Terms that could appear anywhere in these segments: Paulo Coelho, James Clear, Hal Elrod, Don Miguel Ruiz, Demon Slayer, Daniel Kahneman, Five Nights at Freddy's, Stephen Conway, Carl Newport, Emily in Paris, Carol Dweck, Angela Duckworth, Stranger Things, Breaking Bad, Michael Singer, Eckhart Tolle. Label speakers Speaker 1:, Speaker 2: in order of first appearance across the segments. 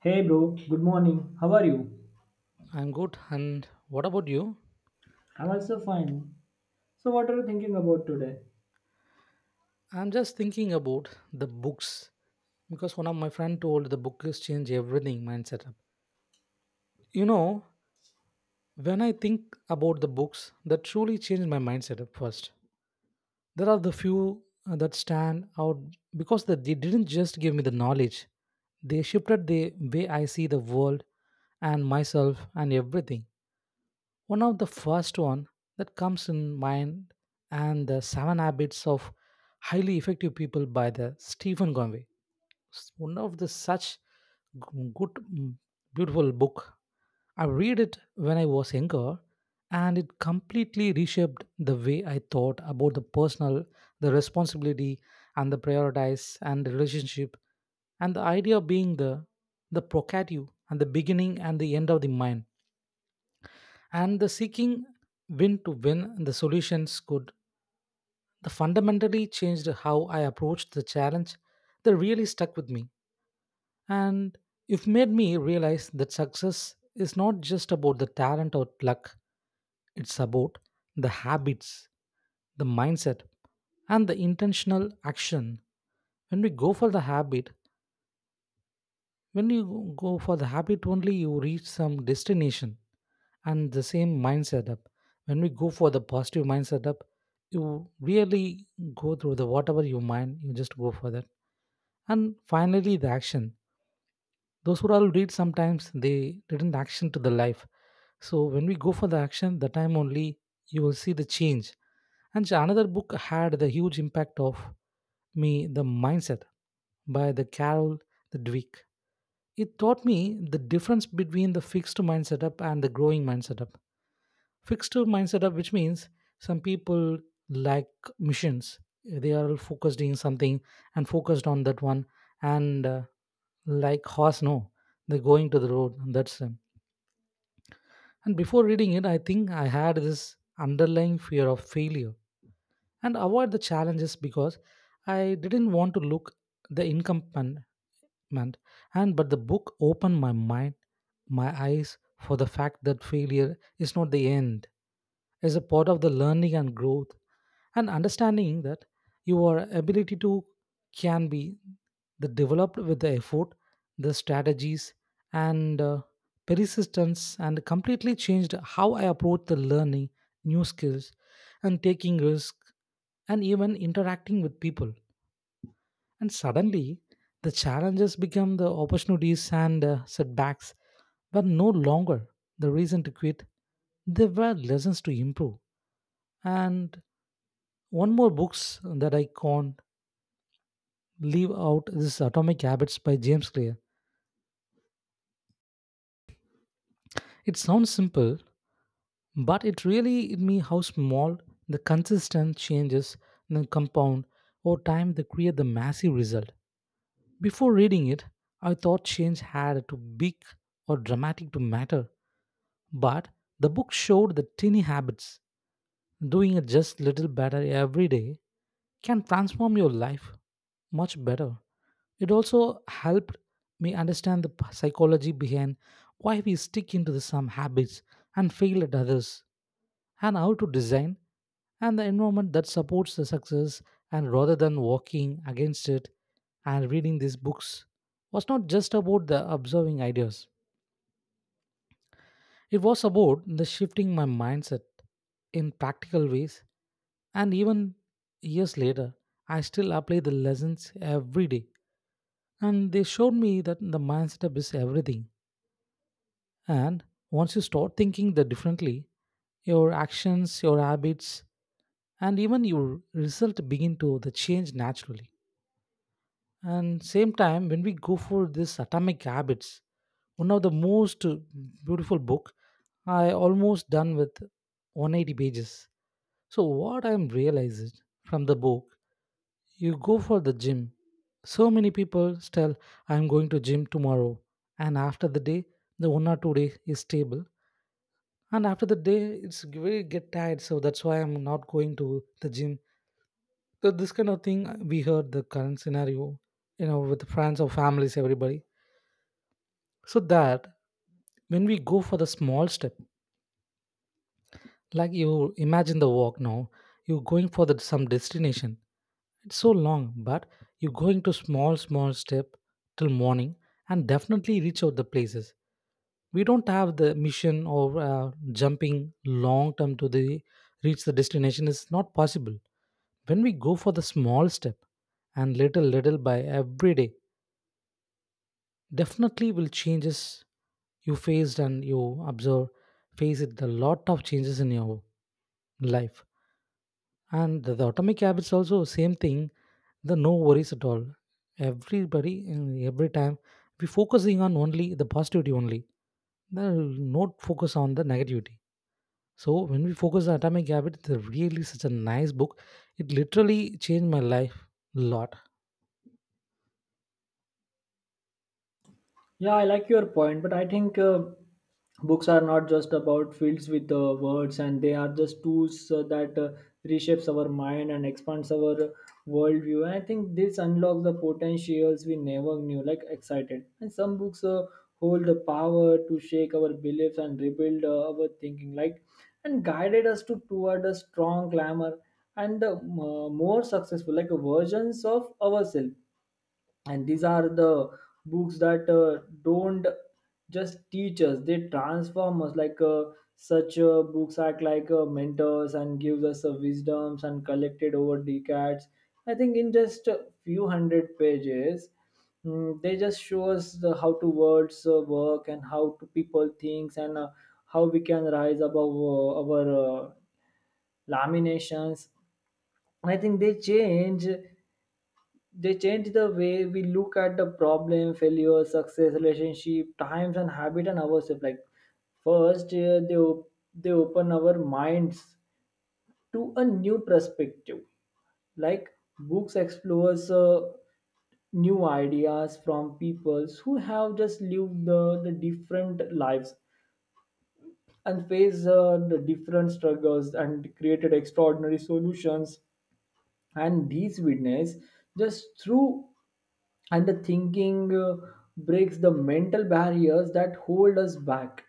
Speaker 1: Hey bro, good morning. How are you?
Speaker 2: I'm good. And what about you?
Speaker 1: I'm also fine. So what are you thinking about today?
Speaker 2: I'm just thinking about the books because one of my friend told the book has changed everything mindset up. You know, when I think about the books that truly changed my mindset up first, there are the few that stand out because that they didn't just give me the knowledge; they shifted the way I see the world and myself and everything. One of the first one that comes in mind and the seven habits of highly effective people by the Stephen Conway. It's one of the such good beautiful book. I read it when I was younger, and it completely reshaped the way I thought about the personal, the responsibility and the prioritize and the relationship and the idea being the procative and the beginning and the end of the mind and the seeking win to win the solutions could the fundamentally changed how I approached the challenge that really stuck with me. And it made me realize that success is not just about the talent or luck, it's about the habits, the mindset and the intentional action. When we go for the habit, when you go for the habit only, you reach some destination and the same mind setup. When we go for the positive mind setup, you really go through the whatever you mind, you just go for that. And finally, the action. Those who all read sometimes they didn't action to the life. So when we go for the action, the time only you will see the change. And another book had the huge impact of me, the mindset by the Carol the Dweck. It taught me the difference between the fixed mind setup and the growing mind setup. Fixed mind setup, which means some people like missions, they are focused in something and focused on that one, and like horse, no, they're going to the road, and that's them. And before reading it, I think I had this underlying fear of failure and avoid the challenges because I didn't want to look the incompetent, and and but the book opened my eyes for the fact that failure is not the end, is a part of the learning and growth, and understanding that your ability to can be the developed with the effort, the strategies and persistence, and completely changed how I approach the learning new skills and taking risk and even interacting with people. And suddenly, the challenges become the opportunities and setbacks were no longer the reason to quit. They were lessons to improve. And one more books that I can't leave out is Atomic Habits by James Clear. It sounds simple, but it really hit me how small the consistent changes then compound over time they create the massive result. Before reading it, I thought change had to be big or dramatic to matter. But the book showed that tiny habits, doing it just little better every day, can transform your life much better. It also helped me understand the psychology behind why we stick into the some habits and fail at others, and how to design and the environment that supports the success, and rather than walking against it. And reading these books was not just about the observing ideas, it was about the shifting my mindset in practical ways, and even years later, I still apply the lessons every day. And they showed me that the mindset is everything. And once you start thinking the differently, your actions, your habits, and even your result begin to the change naturally. And same time, when we go for this atomic habits, one of the most beautiful book I almost done with 180 pages. So, what I'm realized from the book, you go for the gym. So many people tell I'm going to gym tomorrow, and after the day, the 1 or 2 day is stable, and after the day, it's very get tired. So that's why I'm not going to the gym. So this kind of thing we heard the current scenario, with friends or families, everybody. So that when we go for the small step, like you imagine the walk now, you're going for some destination. It's so long, but you're going to small, small step till morning and definitely reach out the places. We don't have the mission or jumping long term to the reach the destination is not possible. When we go for the small step and little, little by every day, definitely will changes you faced and you observe face it a lot of changes in your life. And the atomic habits also same thing. The no worries at all. Everybody every time we focusing on only the positivity only. There is no focus on the negativity. So when we focus on atomic habit, it's a really such a nice book. It literally changed my life a lot.
Speaker 1: Yeah, I like your point, but I think books are not just about fields with words, and they are just tools that reshapes our mind and expands our worldview. And I think this unlocks the potentials we never knew, like excited. And some books hold the power to shake our beliefs and rebuild our thinking, like and guided us to toward a strong glamour and more successful, like versions of ourselves and these are the books that don't just teach us they transform us like such books act like mentors and gives us wisdoms and collected over decades. I think in just a few hundred pages they just show us how to words work and how to people thinks and how we can rise above our laminations. I think they change the way we look at the problem failure success relationship times and habit and ourselves, like first they open our minds to a new perspective, like books explores new ideas from people who have just lived the different lives and faced the different struggles and created extraordinary solutions, and these witness just through and the thinking breaks the mental barriers that hold us back.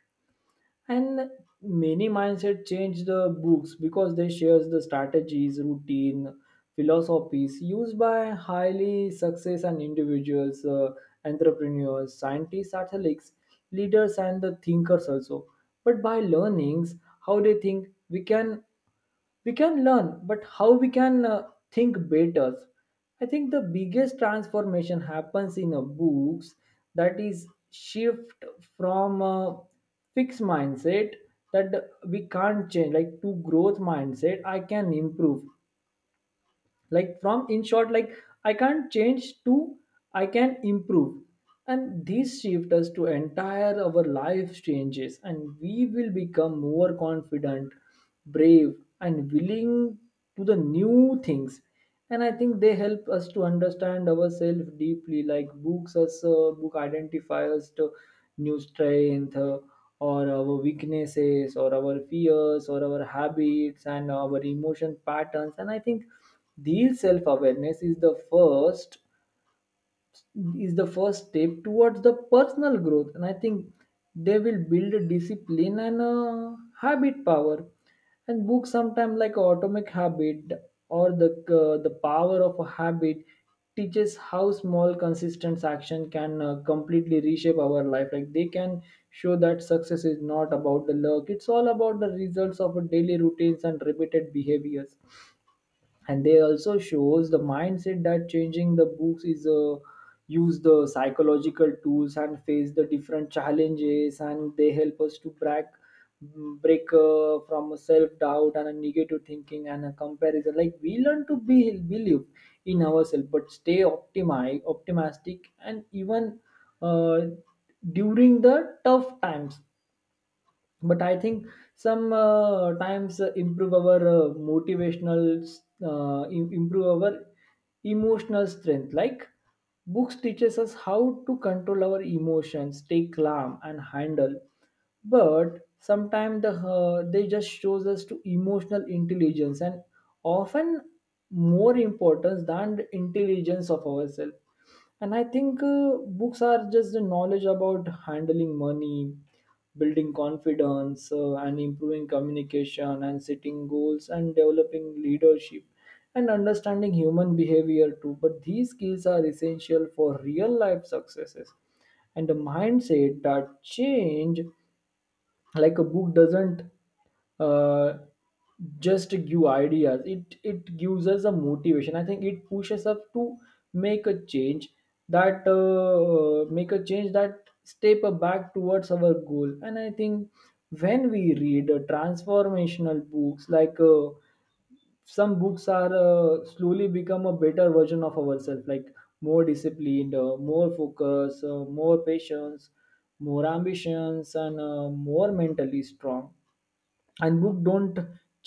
Speaker 1: And many mindset change the books because they shares the strategies routine philosophies used by highly success and individuals, entrepreneurs scientists athletes leaders and the thinkers also. But by learnings how they think we can learn, but how we can think better. I think the biggest transformation happens in a books that is shift from a fixed mindset that we can't change, like to growth mindset I can improve, like from in short like I can't change to I can improve. And this shift us to entire our life changes and we will become more confident, brave and willing to the new things. And I think they help us to understand ourselves deeply, like book identify us to new strength, or our weaknesses or our fears or our habits and our emotion patterns. And I think the self-awareness is the first step towards the personal growth, and I think they will build a discipline and a habit power. And books sometimes like Atomic Habit or the Power of a Habit teaches how small consistent action can completely reshape our life. Like they can show that success is not about the luck; it's all about the results of a daily routines and repeated behaviors. And they also shows the mindset that changing the books is use the psychological tools and face the different challenges, and they help us to break from a self doubt and a negative thinking and a comparison. Like we learn to be believe in ourselves but stay optimistic, and even uh, during the tough times. But I think some times improve our motivational improve our emotional strength, like books teaches us how to control our emotions stay calm and handle. But sometimes they just shows us to emotional intelligence and often more important than the intelligence of ourselves. And I think books are just the knowledge about handling money, building confidence, and improving communication and setting goals and developing leadership and understanding human behavior too, but these skills are essential for real life successes. And a mindset that change, like a book doesn't uh, just give ideas, it gives us a motivation. I think it pushes us to make a change make a change that step back towards our goal. And I think when we read transformational books like some books are slowly become a better version of ourselves, like more disciplined, more focus, more patience, more ambitions and more mentally strong. And book don't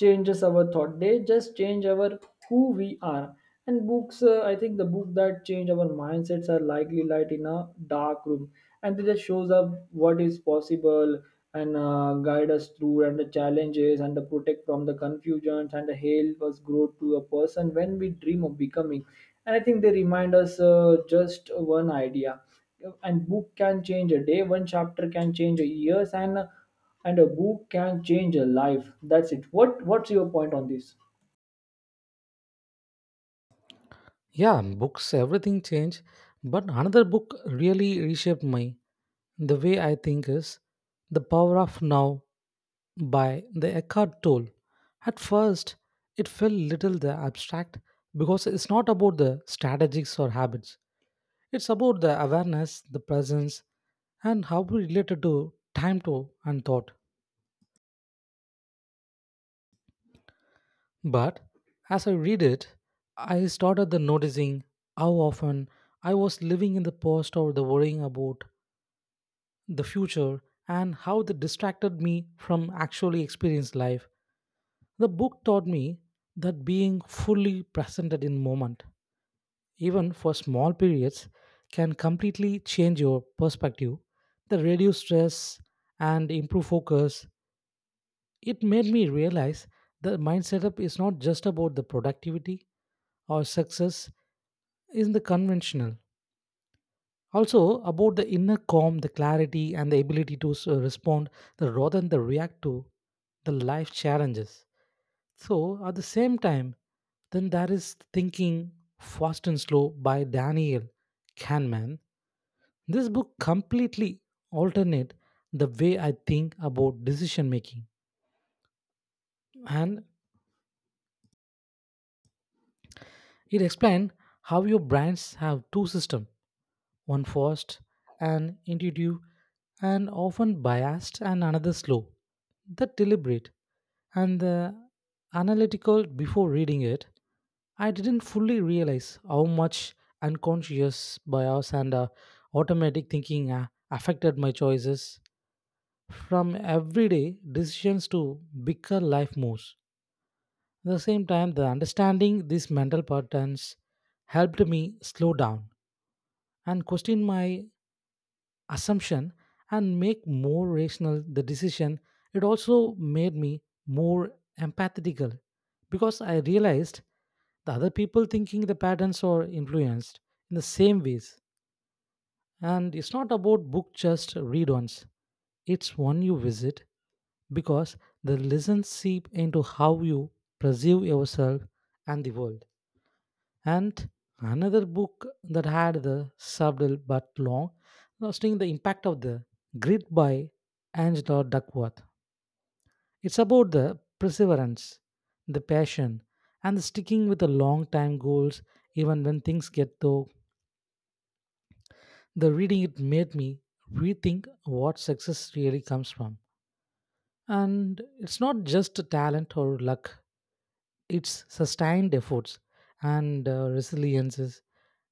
Speaker 1: changes our thought, they just change our who we are. And books, I think the book that change our mindsets are likely light in a dark room, and they just shows up what is possible and guide us through and the challenges and the protect from the confusions and the help us grow to a person when we dream of becoming. And I think they remind us just one idea, and book can change a day, one chapter can change a years, and a book can change a life. That's it. What's your point on this?
Speaker 2: Yeah, books everything changed. But another book really reshaped my the way I think is The Power of Now by the Eckhart Tolle. At first, it felt little the abstract because it's not about the strategies or habits. It's about the awareness, the presence, and how we related to time to and thought. But as I read it, I started the noticing how often I was living in the past or the worrying about the future, and how they distracted me from actually experienced life. The book taught me that being fully presented in moment, even for small periods, can completely change your perspective. The reduce stress and improve focus. It made me realize the mind setup is not just about the productivity or success in the conventional. Also about the inner calm, the clarity, and the ability to respond the rather than the react to the life challenges. So at the same time, then there is Thinking Fast and Slow by Daniel Kahneman. This book completely alternate the way I think about decision making, and it explained how your brains have two systems, one fast and intuitive and often biased, and another slow, the deliberate and the analytical. Before reading it, I didn't fully realize how much unconscious bias and automatic thinking affected my choices, from everyday decisions to bigger life moves. At the same time, the understanding these mental patterns helped me slow down and question my assumption and make more rational the decision. It also made me more empathetical because I realized the other people thinking the patterns are influenced in the same ways. And it's not about book just read once, it's one you visit because the lessons seep into how you perceive yourself and the world. And another book that had the subtle but long lasting the impact of the grid by Angela Duckworth. It's about the perseverance, the passion, and the sticking with the long time goals even when things get tough. The reading it made me rethink what success really comes from. And it's not just talent or luck, it's sustained efforts and resiliences.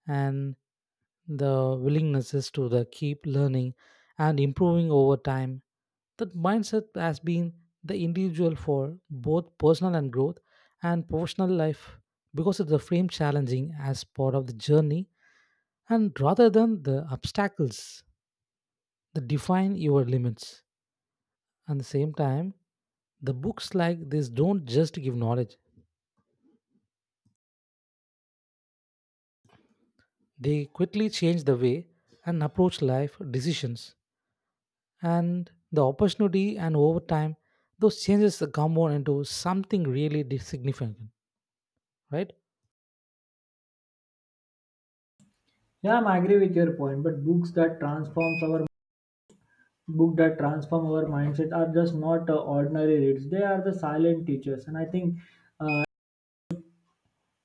Speaker 2: And the willingness is to the keep learning and improving over time. That mindset has been the individual for both personal and growth and professional life because it's the frame challenging as part of the journey and rather than the obstacles that define your limits. At the same time, the books like this don't just give knowledge, they quickly change the way and approach life decisions and the opportunity, and over time those changes come on into something really significant, right?
Speaker 1: Yeah, I am agree with your point, but book that transform our mindset are just not ordinary reads. They are the silent teachers, and I think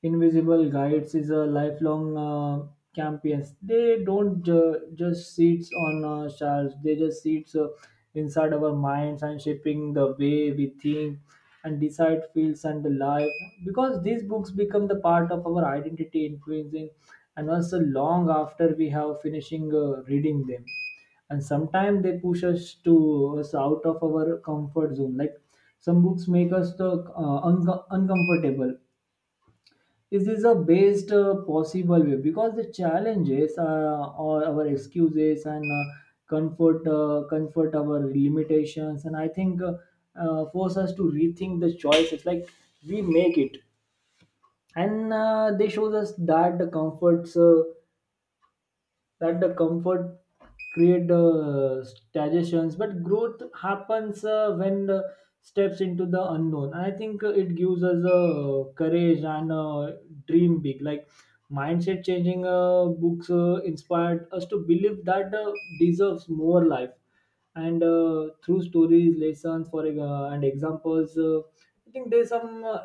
Speaker 1: Invisible Guides is a lifelong campaigns. They don't just sits on shelves. They just sits inside our minds and shaping the way we think and decide feels and the life. Because these books become the part of our identity, influencing and also long after we have finishing reading them. And sometimes they push us to us out of our comfort zone, like some books make us the uncomfortable. Is this the best possible way? Because the challenges or our excuses and comfort our limitations, and I think force us to rethink the choices. Like we make it, and they shows us that the comforts. That the comfort create the stagnations, but growth happens when the steps into the unknown. And I think it gives us courage and dream big, like mindset changing books inspired us to believe that deserves more life, and through stories lessons for and examples, I think there's some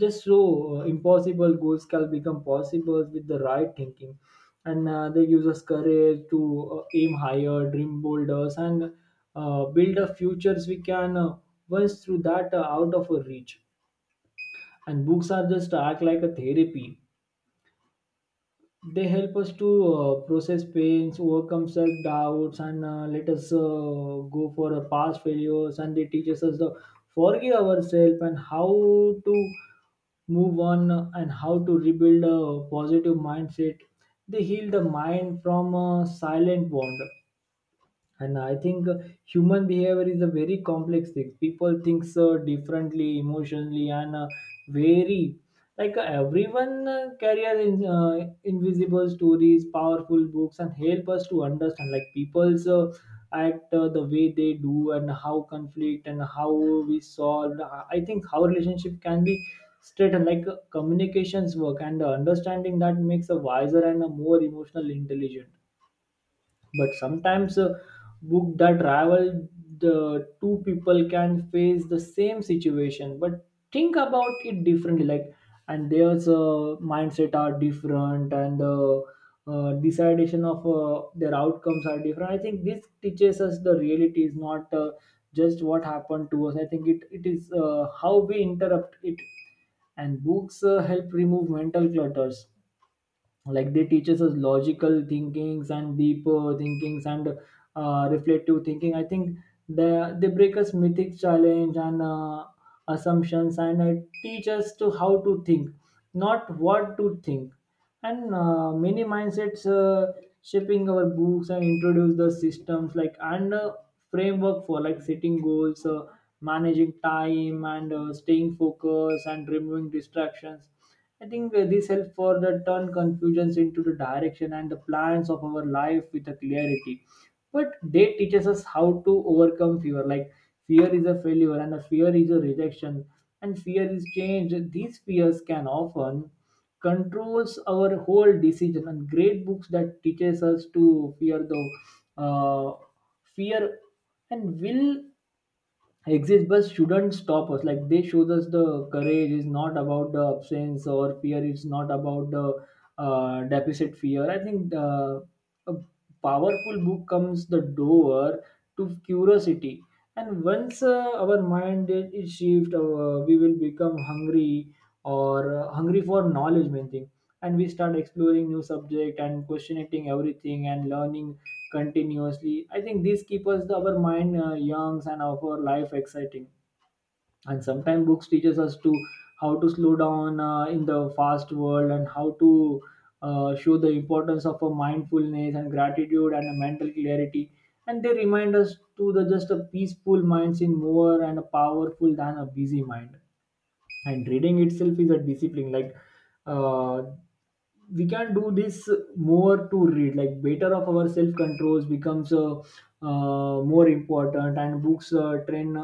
Speaker 1: just so impossible goals can become possible with the right thinking. And they gives us courage to aim higher dream bolders and build a futures we can, once through that out of our reach. And books are just act like a therapy, they help us to process pains, overcome self doubts, and let us go for our past failures. And they teaches us to forgive ourselves and how to move on and how to rebuild a positive mindset. They heal the mind from a silent wound. And I think human behavior is a very complex thing. People think so differently, emotionally, and very like everyone carries invisible stories, powerful books, and help us to understand. Like people's act, the way they do, and how conflict and how we solve. I think how relationship can be straight and like communications work and understanding that makes a wiser and a more emotional intelligent. But sometimes a book that rival the two people can face the same situation but think about it differently, like and there's a mindset are different and the decidation of their outcomes are different. I think this teaches us the reality is not just what happened to us. I think it is how we interrupt it. And books help remove mental clutters, like they teaches us logical thinkings and deep thinkings and reflective thinking. I think they break us mythic challenge and assumptions and teach us to how to think, not what to think. And many mindsets shaping our books and introduce the systems like and framework for like setting goals, managing time and staying focused and removing distractions. I think this helps further turn confusions into the direction and the plans of our life with a clarity. But they teaches us how to overcome fear. Like fear is a failure and a fear is a rejection and fear is change. These fears can often controls our whole decision and great books that teaches us to fear the uh, fear and will exist but shouldn't stop us. Like they showed us the courage is not about the absence or fear, it's not about the deficit fear. I think a powerful book comes the door to curiosity, and once our mind is shift, we will become hungry or hungry for knowledge main thing. And we start exploring new subject and questioning everything and learning continuously. I think this keeps us our mind young and our life exciting. And sometimes books teaches us to how to slow down in the fast world, and how to show the importance of a mindfulness and gratitude and a mental clarity. And they remind us to the just a peaceful minds in more and a powerful than a busy mind. And reading itself is a discipline. Like uh, we can do this more to read, like better of our self controls becomes more important. And books train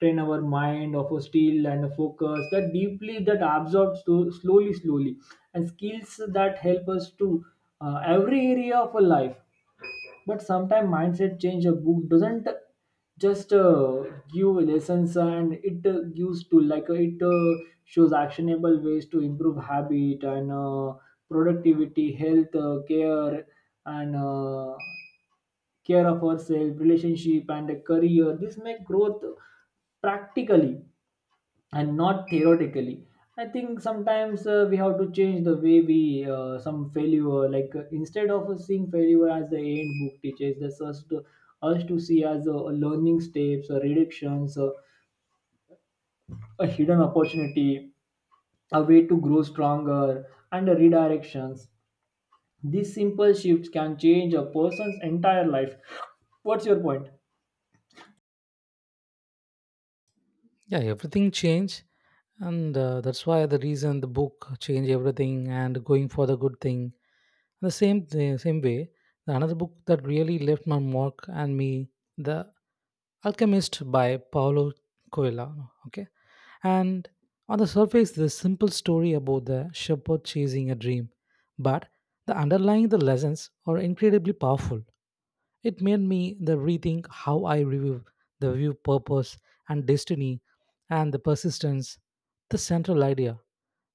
Speaker 1: train our mind of a steel and a focus that deeply that absorbs to slowly slowly, and skills that help us to every area of a life. But sometimes mindset change a book doesn't just give lessons, and it gives to, like, it shows actionable ways to improve habit and productivity, health care and care of ourselves, relationship, and a career. This make growth practically and not theoretically. I think sometimes we have to change the way we some failure. Like, instead of seeing failure as the end, book teaches this us to us to see as a learning steps, or reductions, a hidden opportunity, a way to grow stronger, and a redirections. These simple shifts can change a person's entire life. What's your point?
Speaker 2: Yeah, everything changed. And that's why the reason the book changed everything and going for the good thing, the same way. The another book that really left my mark and me, the Alchemist by Paulo Coelho. Okay. And on the surface, the simple story about the shepherd chasing a dream, but the underlying the lessons are incredibly powerful. It made me the rethink how I review the view purpose and destiny and the persistence, the central idea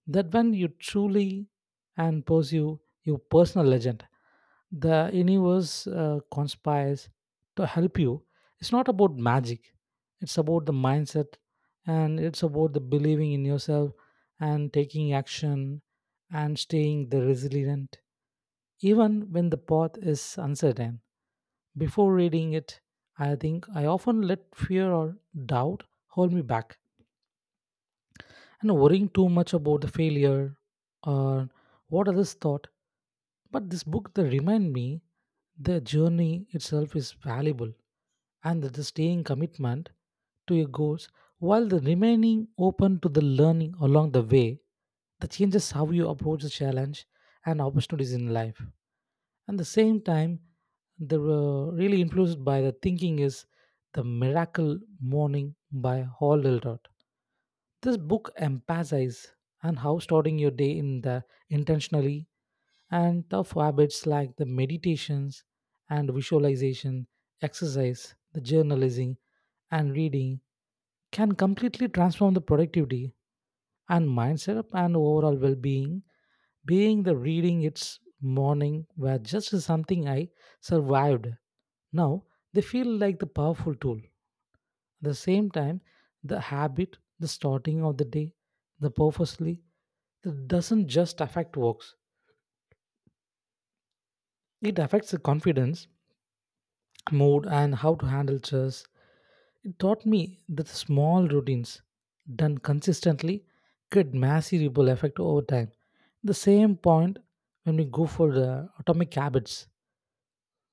Speaker 2: that when you truly and pursue your personal legend, the universe conspires to help you. It's not about magic, it's about the mindset, and it's about the believing in yourself and taking action and staying the resilient even when the path is uncertain. Before reading it, I think I often let fear or doubt hold me back, and worrying too much about the failure or what others thought. But this book that remind me the journey itself is valuable, and that the staying commitment to your goals while the remaining open to the learning along the way, that changes how you approach the challenge and opportunities in life. At the same time, the really influenced by the thinking is the Miracle Morning by Hall Elrod. This book emphasizes on how starting your day in the intentionally and tough habits like the meditations and visualization exercise the journalizing, and reading can completely transform the productivity and mindset and overall well-being. Being the reading its morning were just something I survived now they feel like the powerful tool. At the same time, the habit the starting of the day the purposely that doesn't just affect works, it affects the confidence, mood and how to handle stress. It taught me that small routines done consistently get massive ripple effect over time. The same point when we go for the atomic habits.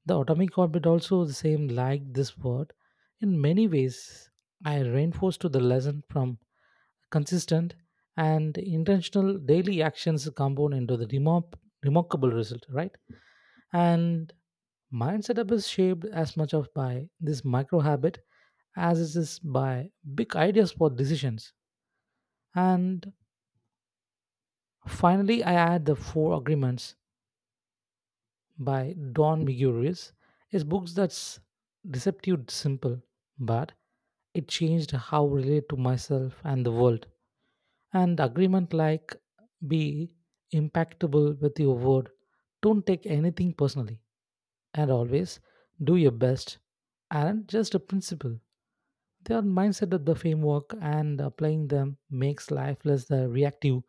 Speaker 2: The atomic habit also the same like this word. In many ways, I reinforced to the lesson from consistent and intentional daily actions compound into the remarkable result, right? And mindset up is shaped as much of by this micro habit as it is by big ideas for decisions. And finally, I add the Four Agreements by Don Miguris. His books that's deceptive simple, but it changed how I relate to myself and the world. And agreement like be impactable with your word. Don't take anything personally. And always do your best aren't just a principle. They are mindset of the framework, and applying them makes life less reactive,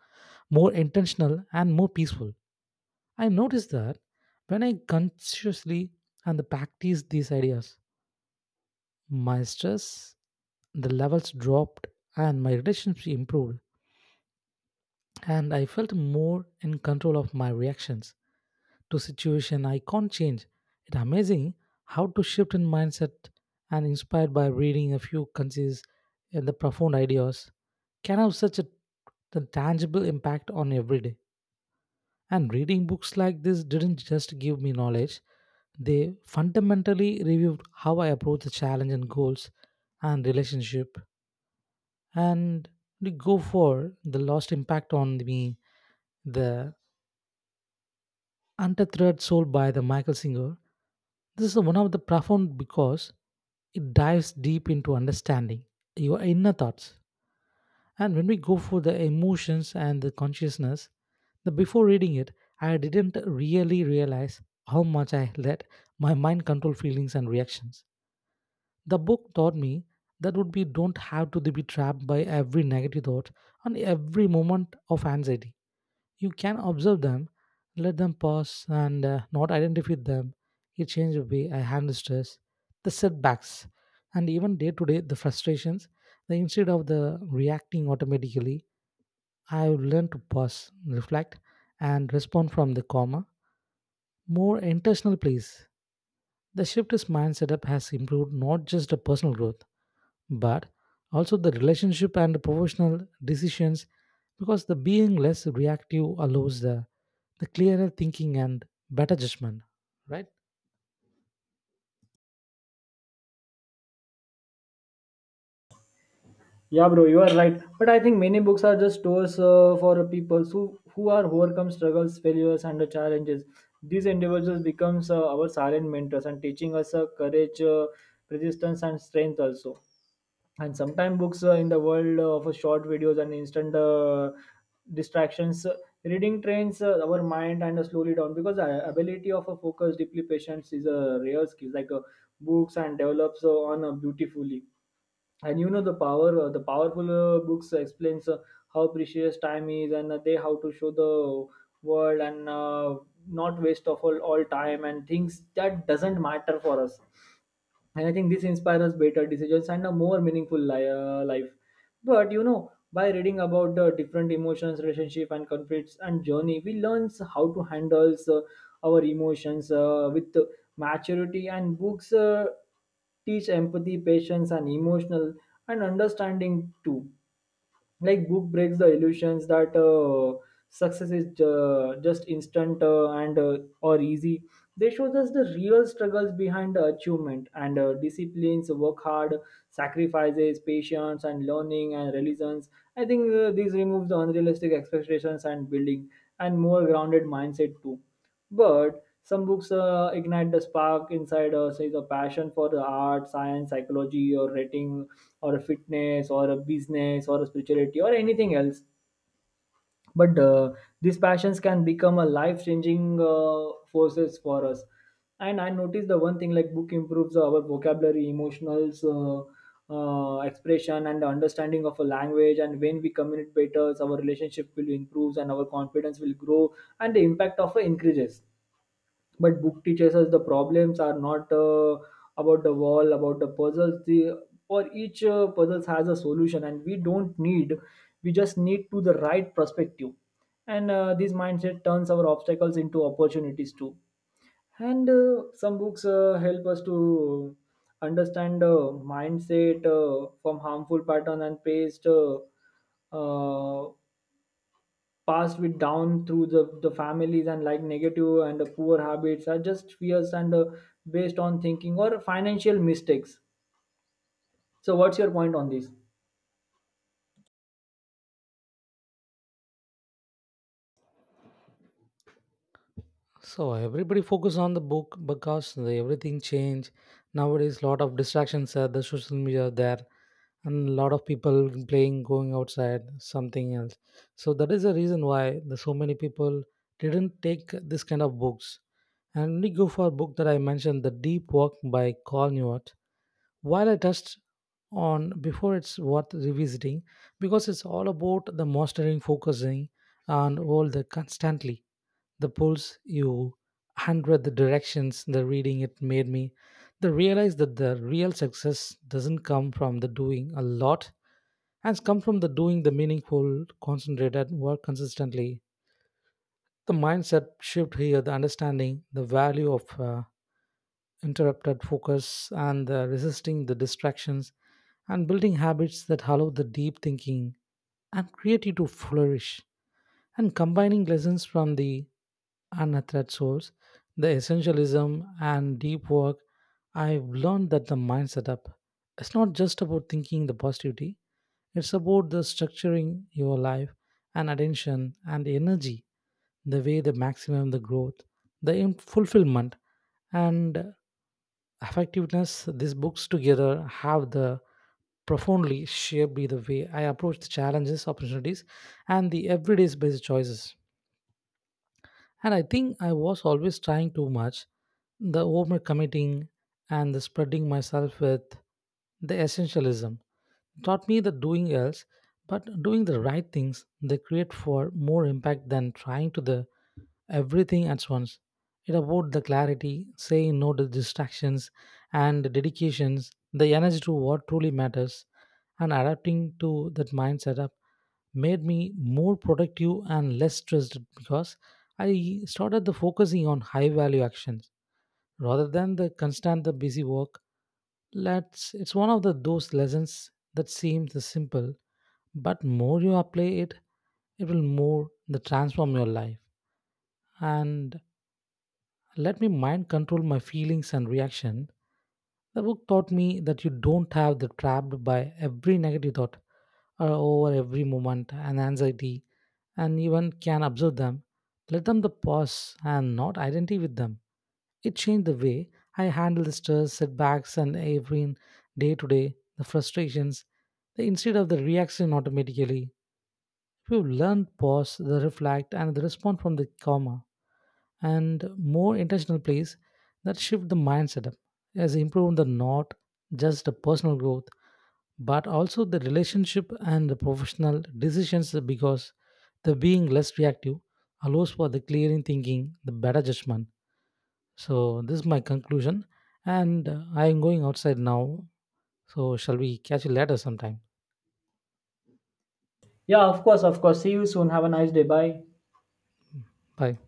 Speaker 2: more intentional and more peaceful. I noticed that when I consciously and the practice these ideas, my stress, the levels dropped and my relationship improved and I felt more in control of my reactions to situation I can't change. It's amazing how to shift in mindset and inspired by reading a few concise and the profound ideas can have such a the tangible impact on every day. And reading books like this didn't just give me knowledge, they fundamentally reviewed how I approach the challenge and goals and relationship, and they go for the lost impact on me, the Untethered Soul by the Michael Singer. This is one of the profound because it dives deep into understanding your inner thoughts. And when we go for the emotions and the consciousness, the before reading it, I didn't really realize how much I let my mind control feelings and reactions. The book taught me that would be don't have to be trapped by every negative thought and every moment of anxiety. You can observe them, let them pause, and not identify them. It changes the way I handle stress, the setbacks, and even day to day the frustrations. The, instead of the reacting automatically, I have learned to pause, reflect, and respond from the calmer, more intentional place. The shift is mindset up has improved not just the personal growth but also the relationship and professional decisions because the being less reactive allows the clearer thinking and better judgment, right?
Speaker 1: Yeah, bro, you are right. But I think many books are just tools for people who are overcome struggles, failures, and the challenges. These individuals becomes our silent mentors and teaching us courage, persistence, and strength also. And sometimes books in the world of short videos and instant distractions, reading trains our mind and slowly down, because ability of a focus deeply patience is a rare skill. Like books and develops on beautifully. And you know the power the powerful books explains how precious time is, and they how to show the world and not waste of all time and things that doesn't matter for us. And I think this inspires better decisions and a more meaningful life. But you know, by reading about the different emotions, relationship, and conflicts and journey, we learn how to handle our emotions with maturity. And books teach empathy, patience, and emotional and understanding too. Like book breaks the illusions that success is just instant and or easy. They show us the real struggles behind the achievement and disciplines, work hard, sacrifices, patience and learning and resilience. I think these remove the unrealistic expectations and building and more grounded mindset too. But some books ignite the spark inside us, is a passion for the art, science, psychology, or writing, or a fitness, or a business, or a spirituality, or anything else. But these passions can become a life changing forces for us. And I noticed the one thing, like book improves our vocabulary, emotionals expression and the understanding of a language. And when we communicate better, our relationship will improve and our confidence will grow, and the impact of it increases. But book teaches us the problems are not about the wall, about the puzzles, the for each puzzles has a solution, and we don't need, we just need to the right perspective. And this mindset turns our obstacles into opportunities too. And some books help us to understand the mindset from harmful pattern and paste uh, passed with down through the families. And like negative and the poor habits are just fears and based on thinking or financial mistakes. So what's your point on this?
Speaker 2: So everybody focus on the book because the everything change nowadays, lot of distractions are the social media are there and a lot of people playing going outside something else. So that is the reason why the so many people didn't take this kind of books. And we go for a book that I mentioned, the Deep Work by Carl Newhart, while I touched on before, it's worth revisiting because it's all about the mastering, focusing, and all the constantly the pulse you hundred the directions. The reading it made me the realize that the real success doesn't come from the doing a lot, has come from the doing the meaningful, concentrated work consistently. The mindset shift here, the understanding, the value of interrupted focus and resisting the distractions and building habits that allow the deep thinking and creativity to flourish. And combining lessons from the unathreat source, the essentialism and deep work, I've learned that the mind setup, it's not just about thinking the positivity, it's about the structuring your life and attention and energy the way the maximum the growth, the fulfillment and effectiveness. These books together have the profoundly shaped the way I approach the challenges, opportunities, and the everyday based choices. And I think I was always trying too much, the overcommitting and the spreading myself with the essentialism. Taught me that doing else, but doing the right things, they create for more impact than trying to the everything at once. It about the clarity, saying no to distractions and dedications, the energy to what truly matters, and adapting to that mind setup made me more productive and less stressed because I started the focusing on high value actions rather than the constant the busy work. Let's it's one of the those lessons that seems simple, but more you apply it, it will more the transform your life. And let me mind control my feelings and reaction. The book taught me that you don't have the trapped by every negative thought or over every moment and anxiety and even can observe them. Let them the pause and not identify with them. It changed the way I handle the stress, setbacks and every day to day, the frustrations, the instead of the reaction automatically. You learn pause, the reflect, and the respond from the comma and more intentional plays that shift the mindset up, has improved the not just the personal growth but also the relationship and the professional decisions because the being less reactive allows for the clearing thinking, the better judgment. So this is my conclusion, and I am going outside now. So shall we catch you later sometime?
Speaker 1: Yeah, of course, of course. See you soon, have a nice day, bye.
Speaker 2: Bye.